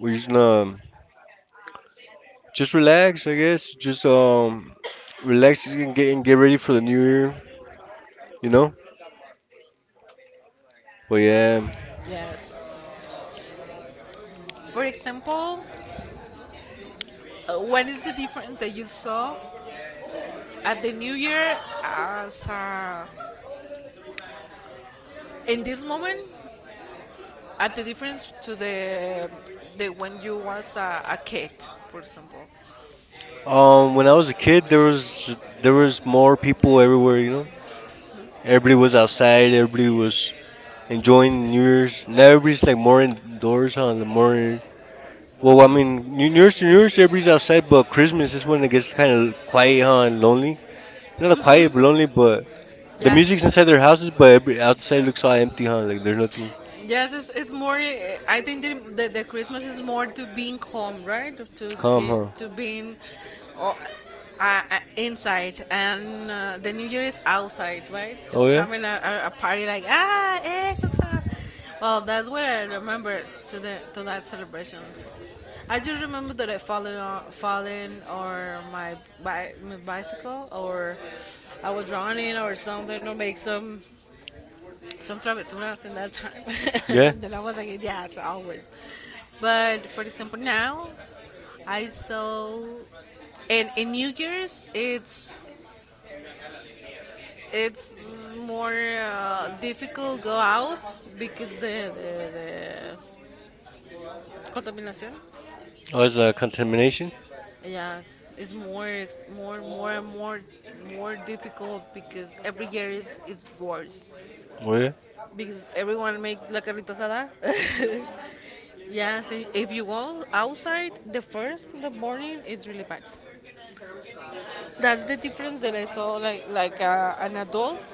Speaker 2: we're just gonna just relax, I guess. Just relax and get ready for the new year. You know. But yeah.
Speaker 1: Yes. For example, what is the difference that you saw at the New Year as in this moment at the difference to the when you was a kid, for example. Um, when
Speaker 2: When
Speaker 1: I
Speaker 2: I
Speaker 1: was
Speaker 2: was a
Speaker 1: a kid,
Speaker 2: kid,
Speaker 1: there
Speaker 2: there
Speaker 1: was
Speaker 2: was
Speaker 1: more
Speaker 2: more
Speaker 1: people
Speaker 2: people everywhere.
Speaker 1: everywhere.
Speaker 2: You know, everybody
Speaker 1: Everybody was
Speaker 2: was
Speaker 1: outside.
Speaker 2: outside. Everybody
Speaker 1: Everybody
Speaker 2: was
Speaker 1: was enjoying the
Speaker 2: enjoying New Year's.
Speaker 1: news. Now
Speaker 2: Now
Speaker 1: everybody's
Speaker 2: everybody's
Speaker 1: like
Speaker 2: like
Speaker 1: more
Speaker 2: more
Speaker 1: in indoors.
Speaker 2: indoors on the
Speaker 1: More
Speaker 2: more.
Speaker 1: like,
Speaker 2: Well,
Speaker 1: well, mm-hmm.
Speaker 2: I
Speaker 1: I
Speaker 2: mean,
Speaker 1: mean,
Speaker 2: New New Year's,
Speaker 1: New
Speaker 2: New
Speaker 1: Year's,
Speaker 2: Year's,
Speaker 1: everybody's
Speaker 2: everybody's
Speaker 1: outside,
Speaker 2: outside,
Speaker 1: but
Speaker 2: but
Speaker 1: Christmas
Speaker 2: Christmas
Speaker 1: is
Speaker 2: is
Speaker 1: when
Speaker 2: when
Speaker 1: it
Speaker 2: it
Speaker 1: gets
Speaker 2: gets
Speaker 1: kind
Speaker 2: kind
Speaker 1: of
Speaker 2: of
Speaker 1: quiet
Speaker 2: quiet, huh, and
Speaker 1: and lonely.
Speaker 2: lonely.
Speaker 1: Not
Speaker 2: Not quiet,
Speaker 1: quiet and
Speaker 2: but
Speaker 1: lonely,
Speaker 2: lonely. But
Speaker 1: but
Speaker 2: the
Speaker 1: yes.
Speaker 2: music's
Speaker 1: People say
Speaker 2: inside
Speaker 1: their
Speaker 2: their
Speaker 1: houses,
Speaker 2: houses,
Speaker 1: but
Speaker 2: but
Speaker 1: everybody
Speaker 2: every
Speaker 1: outside,
Speaker 2: outside looks all
Speaker 1: inside, you
Speaker 2: empty, huh? Like
Speaker 1: know,
Speaker 2: there's nothing
Speaker 1: yes, it's more. Eh, I think the Christmas is more to being home, right? To
Speaker 2: calm,
Speaker 1: get
Speaker 2: huh?
Speaker 1: to being, or inside, and the New Year is outside, right?
Speaker 2: Oh
Speaker 1: It's
Speaker 2: yeah,
Speaker 1: having a party like what's up? Well, that's what I remember to the to that celebrations. I just remember that I falling or my, my bicycle or I was running or something or make some. Sometimes when I was in that time,
Speaker 2: yeah.
Speaker 1: then I was like, yeah, it's always. But for example, now I saw, and in New Year's, it's more difficult go out because the contamination.
Speaker 2: Oh, it's contamination.
Speaker 1: Yes, it's more, more and more, more difficult because every year is worse.
Speaker 2: Oh yeah,
Speaker 1: Because everyone makes la carnita asada. Yes, if you go outside, the first in the morning it's really bad. That's the difference that I saw, like an adult,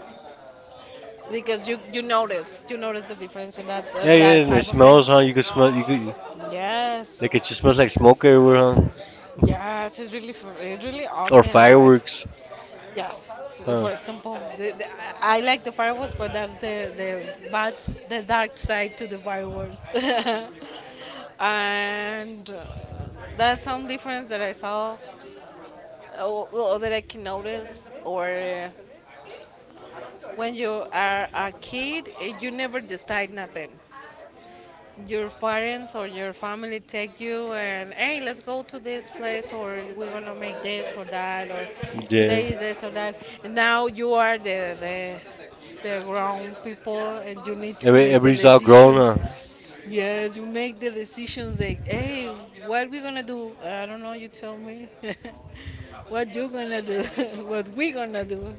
Speaker 1: because you notice the difference in
Speaker 2: yeah, yeah.
Speaker 1: that
Speaker 2: And
Speaker 1: type
Speaker 2: it
Speaker 1: of
Speaker 2: smells,
Speaker 1: things.
Speaker 2: huh? You could smell, you could
Speaker 1: Yes,
Speaker 2: like it just smells like
Speaker 1: it like
Speaker 2: smoke everywhere, huh?
Speaker 1: uh, yes, it's really it's really
Speaker 2: Or
Speaker 1: ugly and bad.
Speaker 2: fireworks,
Speaker 1: Yes,
Speaker 2: huh?
Speaker 1: for example, I like the fireworks, but that's the bad, the dark side to the fireworks, and that's some difference that I saw or that I can notice. Or when you are a kid, eh, you never decide nothing. Your parents or your family take you and hey, let's go to this place or we're gonna make this or that or
Speaker 2: Yeah.
Speaker 1: today this or that. And now you are the grown people and you need to
Speaker 2: Every,
Speaker 1: make the
Speaker 2: everybody's all grown, huh?
Speaker 1: decisions. Yes, you make the decisions like, hey, what we gonna do? I don't know. You tell me. What you gonna do? What we gonna do? And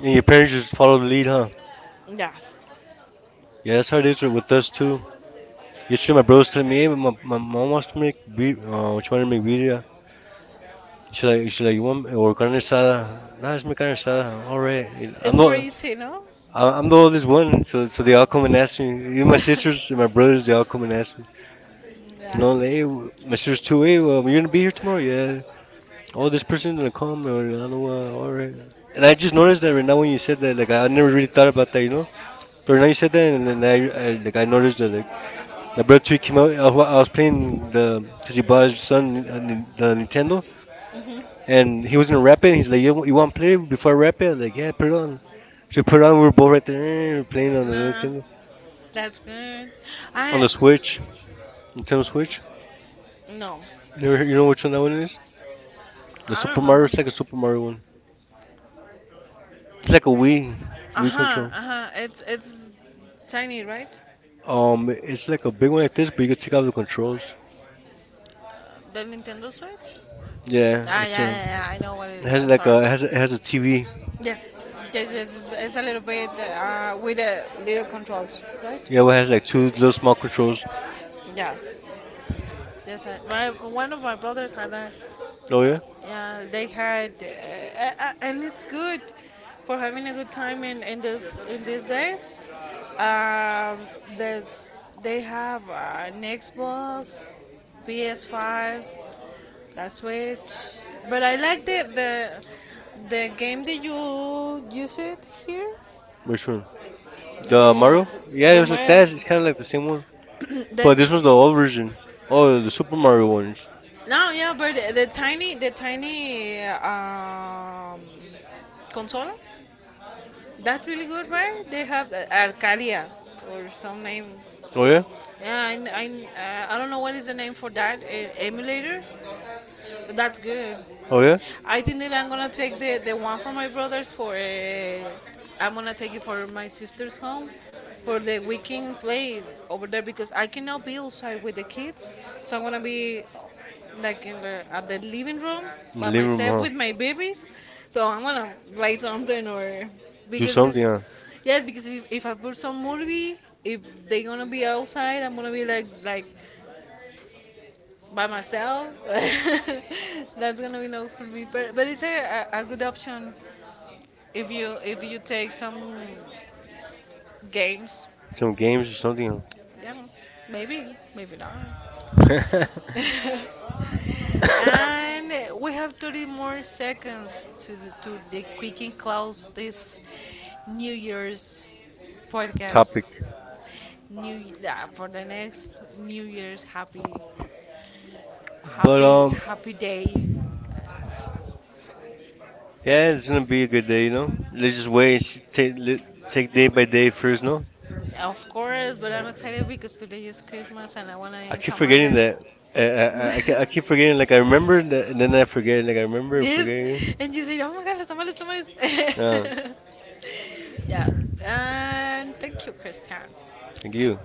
Speaker 2: And your
Speaker 1: your parents
Speaker 2: parents
Speaker 1: just
Speaker 2: just
Speaker 1: follow
Speaker 2: follow the
Speaker 1: the lead,
Speaker 2: lead,
Speaker 1: huh?
Speaker 2: huh?
Speaker 1: Yeah,
Speaker 2: Yeah, that's how it is
Speaker 1: SRDC,
Speaker 2: did with
Speaker 1: there's
Speaker 2: us
Speaker 1: two,
Speaker 2: too.
Speaker 1: it's in
Speaker 2: Yesterday,
Speaker 1: a
Speaker 2: my brother
Speaker 1: burst
Speaker 2: was
Speaker 1: in
Speaker 2: telling me,
Speaker 1: me,
Speaker 2: hey, my,
Speaker 1: my
Speaker 2: my
Speaker 1: mom
Speaker 2: mom
Speaker 1: was
Speaker 2: wants
Speaker 1: to
Speaker 2: to
Speaker 1: me,
Speaker 2: make beer,
Speaker 1: I was
Speaker 2: she wanted to make
Speaker 1: trying
Speaker 2: birria.
Speaker 1: to
Speaker 2: She's like, you want or
Speaker 1: like,
Speaker 2: carne asada? Nah, let's make carne asada. All right. I'm
Speaker 1: it's more
Speaker 2: not.
Speaker 1: easy, no?
Speaker 2: I'm the
Speaker 1: No, this
Speaker 2: oldest
Speaker 1: one,
Speaker 2: one,
Speaker 1: so,
Speaker 2: so
Speaker 1: so
Speaker 2: so they
Speaker 1: the
Speaker 2: all
Speaker 1: alcohol
Speaker 2: come
Speaker 1: and
Speaker 2: and ask
Speaker 1: nasty,
Speaker 2: me.
Speaker 1: me
Speaker 2: Even
Speaker 1: my
Speaker 2: my sisters
Speaker 1: sisters,
Speaker 2: and my
Speaker 1: my brother's
Speaker 2: brothers,
Speaker 1: the
Speaker 2: they all
Speaker 1: alcohol
Speaker 2: come and ask me.
Speaker 1: and nasty.
Speaker 2: You
Speaker 1: Yeah.
Speaker 2: know, like, hey,
Speaker 1: My
Speaker 2: my sister's
Speaker 1: sister's too
Speaker 2: too. Hey,
Speaker 1: late,
Speaker 2: well, you're gonna be here
Speaker 1: I
Speaker 2: tomorrow? Yeah. Oh,
Speaker 1: all this
Speaker 2: this
Speaker 1: person
Speaker 2: person's gonna
Speaker 1: is calling
Speaker 2: come, or I don't know what.
Speaker 1: like,
Speaker 2: All right.
Speaker 1: and
Speaker 2: And
Speaker 1: I
Speaker 2: I
Speaker 1: just
Speaker 2: just noticed
Speaker 1: noticed that
Speaker 2: that right
Speaker 1: Na jakiś nożyc, na
Speaker 2: now when
Speaker 1: nim
Speaker 2: you
Speaker 1: się
Speaker 2: said that, like
Speaker 1: wydaje, a
Speaker 2: I
Speaker 1: But
Speaker 2: never really
Speaker 1: użyję
Speaker 2: thought about that, you know. But right now
Speaker 1: tego
Speaker 2: you
Speaker 1: said
Speaker 2: said that,
Speaker 1: that, and
Speaker 2: and then I like I
Speaker 1: I
Speaker 2: noticed that. Like,
Speaker 1: noticed
Speaker 2: the
Speaker 1: nożyc.
Speaker 2: Bird
Speaker 1: But you
Speaker 2: 3 came out.
Speaker 1: cannot
Speaker 2: I was, I was
Speaker 1: obtain
Speaker 2: playing the
Speaker 1: the body's
Speaker 2: Tajiba's
Speaker 1: son
Speaker 2: son,
Speaker 1: the
Speaker 2: the
Speaker 1: Nintendo.
Speaker 2: Nintendo,
Speaker 1: And
Speaker 2: and
Speaker 1: he
Speaker 2: he
Speaker 1: was
Speaker 2: wasn't
Speaker 1: in rapping,
Speaker 2: rapping.
Speaker 1: he's
Speaker 2: He's
Speaker 1: like,
Speaker 2: like, "You,
Speaker 1: you
Speaker 2: you
Speaker 1: want to
Speaker 2: want to
Speaker 1: play
Speaker 2: play
Speaker 1: before
Speaker 2: before I rap it?"
Speaker 1: rapping?
Speaker 2: I was
Speaker 1: Like,
Speaker 2: like, "Yeah,
Speaker 1: yeah,
Speaker 2: put
Speaker 1: bro.
Speaker 2: it on."
Speaker 1: So
Speaker 2: So we put
Speaker 1: put
Speaker 2: it on. We
Speaker 1: on
Speaker 2: were
Speaker 1: with
Speaker 2: both
Speaker 1: Bora
Speaker 2: right
Speaker 1: to play,
Speaker 2: there playing on
Speaker 1: play
Speaker 2: the
Speaker 1: nah,
Speaker 2: Nintendo,
Speaker 1: that's good.
Speaker 2: on
Speaker 1: I
Speaker 2: the
Speaker 1: Switch,
Speaker 2: Switch,
Speaker 1: Nintendo
Speaker 2: Nintendo
Speaker 1: Switch.
Speaker 2: Switch.
Speaker 1: No,
Speaker 2: You
Speaker 1: you
Speaker 2: know
Speaker 1: know
Speaker 2: which
Speaker 1: which
Speaker 2: one
Speaker 1: one that
Speaker 2: that
Speaker 1: one
Speaker 2: one is?
Speaker 1: is?
Speaker 2: The
Speaker 1: I don't
Speaker 2: Super Mario.
Speaker 1: remember.
Speaker 2: It's like a Super Mario one.
Speaker 1: It's
Speaker 2: It's
Speaker 1: like
Speaker 2: like
Speaker 1: a
Speaker 2: a
Speaker 1: wing.
Speaker 2: Wii,
Speaker 1: Uh
Speaker 2: Wii
Speaker 1: huh.
Speaker 2: control.
Speaker 1: Uh huh. It's tiny, right? Um,
Speaker 2: It's like a
Speaker 1: it's
Speaker 2: big
Speaker 1: very
Speaker 2: one
Speaker 1: like
Speaker 2: like this, but you can
Speaker 1: it's
Speaker 2: take out
Speaker 1: level
Speaker 2: the
Speaker 1: control.
Speaker 2: controls.
Speaker 1: The Nintendo Switch. Yeah.
Speaker 2: Yeah,
Speaker 1: Ah,
Speaker 2: it's a.
Speaker 1: yeah. I know what it
Speaker 2: It
Speaker 1: is. It's
Speaker 2: has
Speaker 1: I'm like
Speaker 2: like
Speaker 1: sorry.
Speaker 2: a.
Speaker 1: A,
Speaker 2: It has,
Speaker 1: has,
Speaker 2: a, it
Speaker 1: a,
Speaker 2: has
Speaker 1: has
Speaker 2: a
Speaker 1: a T V.
Speaker 2: TV.
Speaker 1: Yes, yes. It's a little bit with a little controls, right? Yeah,
Speaker 2: Yeah,
Speaker 1: it
Speaker 2: well, it
Speaker 1: has
Speaker 2: has like
Speaker 1: like
Speaker 2: two
Speaker 1: two
Speaker 2: little
Speaker 1: small
Speaker 2: small controls.
Speaker 1: controls. Yes, yes. I, my one of my brothers had that.
Speaker 2: Oh yeah,
Speaker 1: Yeah, they had, and it's good for having a good time in this in these days. Um, there's they have an Xbox, PS5, that Switch. But I like the the game that you use it here.
Speaker 2: which one? The
Speaker 1: The
Speaker 2: Mario? Yeah, it
Speaker 1: the
Speaker 2: was like
Speaker 1: Mario
Speaker 2: that. It's kind of like the same one,
Speaker 1: the
Speaker 2: but this was the old version. Oh, the Super Mario ones.
Speaker 1: no yeah but the tiny console that's really good right they have Arcadia or some name
Speaker 2: Oh yeah,
Speaker 1: yeah I don't know what is the name for that emulator but that's good.
Speaker 2: oh
Speaker 1: Okay.
Speaker 2: yeah.
Speaker 1: I think that I'm gonna take the one from my brothers for. I'm gonna take it for my sister's home for the weekend play over there because I cannot be outside with the kids. So I'm gonna be like in at the living room
Speaker 2: In the
Speaker 1: by
Speaker 2: living room,
Speaker 1: myself
Speaker 2: huh?
Speaker 1: with my babies. So I'm gonna play something or
Speaker 2: Do
Speaker 1: because
Speaker 2: something,
Speaker 1: it's,
Speaker 2: huh?
Speaker 1: yes because if I put some movie if they're gonna be outside I'm gonna be like by myself. That's gonna be no for me. But it's good option if you take some games. Some
Speaker 2: Some
Speaker 1: games
Speaker 2: games or
Speaker 1: or something.
Speaker 2: something.
Speaker 1: Yeah, maybe not.
Speaker 2: Huh?
Speaker 1: And we have 30 more seconds to to the quick and close this New Year's
Speaker 2: Topic.
Speaker 1: podcast. New yeah, for the next New Year's happy
Speaker 2: But
Speaker 1: happy happy day. Yeah,
Speaker 2: yeah,
Speaker 1: it's
Speaker 2: it's
Speaker 1: gonna
Speaker 2: gonna
Speaker 1: be a
Speaker 2: be a
Speaker 1: good
Speaker 2: good
Speaker 1: day,
Speaker 2: day,
Speaker 1: you
Speaker 2: you know.
Speaker 1: know.
Speaker 2: Let's just
Speaker 1: Lose
Speaker 2: wait and
Speaker 1: weight,
Speaker 2: see- Take let-
Speaker 1: take
Speaker 2: take
Speaker 1: day
Speaker 2: day
Speaker 1: by
Speaker 2: by
Speaker 1: day,
Speaker 2: day
Speaker 1: please.
Speaker 2: first, no.
Speaker 1: One. Of course, but I'm excited because today is Christmas and I want to I
Speaker 2: I
Speaker 1: eat keep
Speaker 2: keep
Speaker 1: forgetting
Speaker 2: forgetting
Speaker 1: that. Tamales.
Speaker 2: that.
Speaker 1: That.
Speaker 2: I, I, I, I ke- I
Speaker 1: I keep
Speaker 2: keep
Speaker 1: forgetting,
Speaker 2: forgetting. Like I remember, that, and then I
Speaker 1: like
Speaker 2: forget. Like
Speaker 1: I
Speaker 2: I
Speaker 1: remember.
Speaker 2: remember, and
Speaker 1: Yes,
Speaker 2: forgetting.
Speaker 1: and you say, oh my god, los tamales, tamales.
Speaker 2: Yeah,
Speaker 1: Yeah, and thank you, Christian.
Speaker 2: thank you.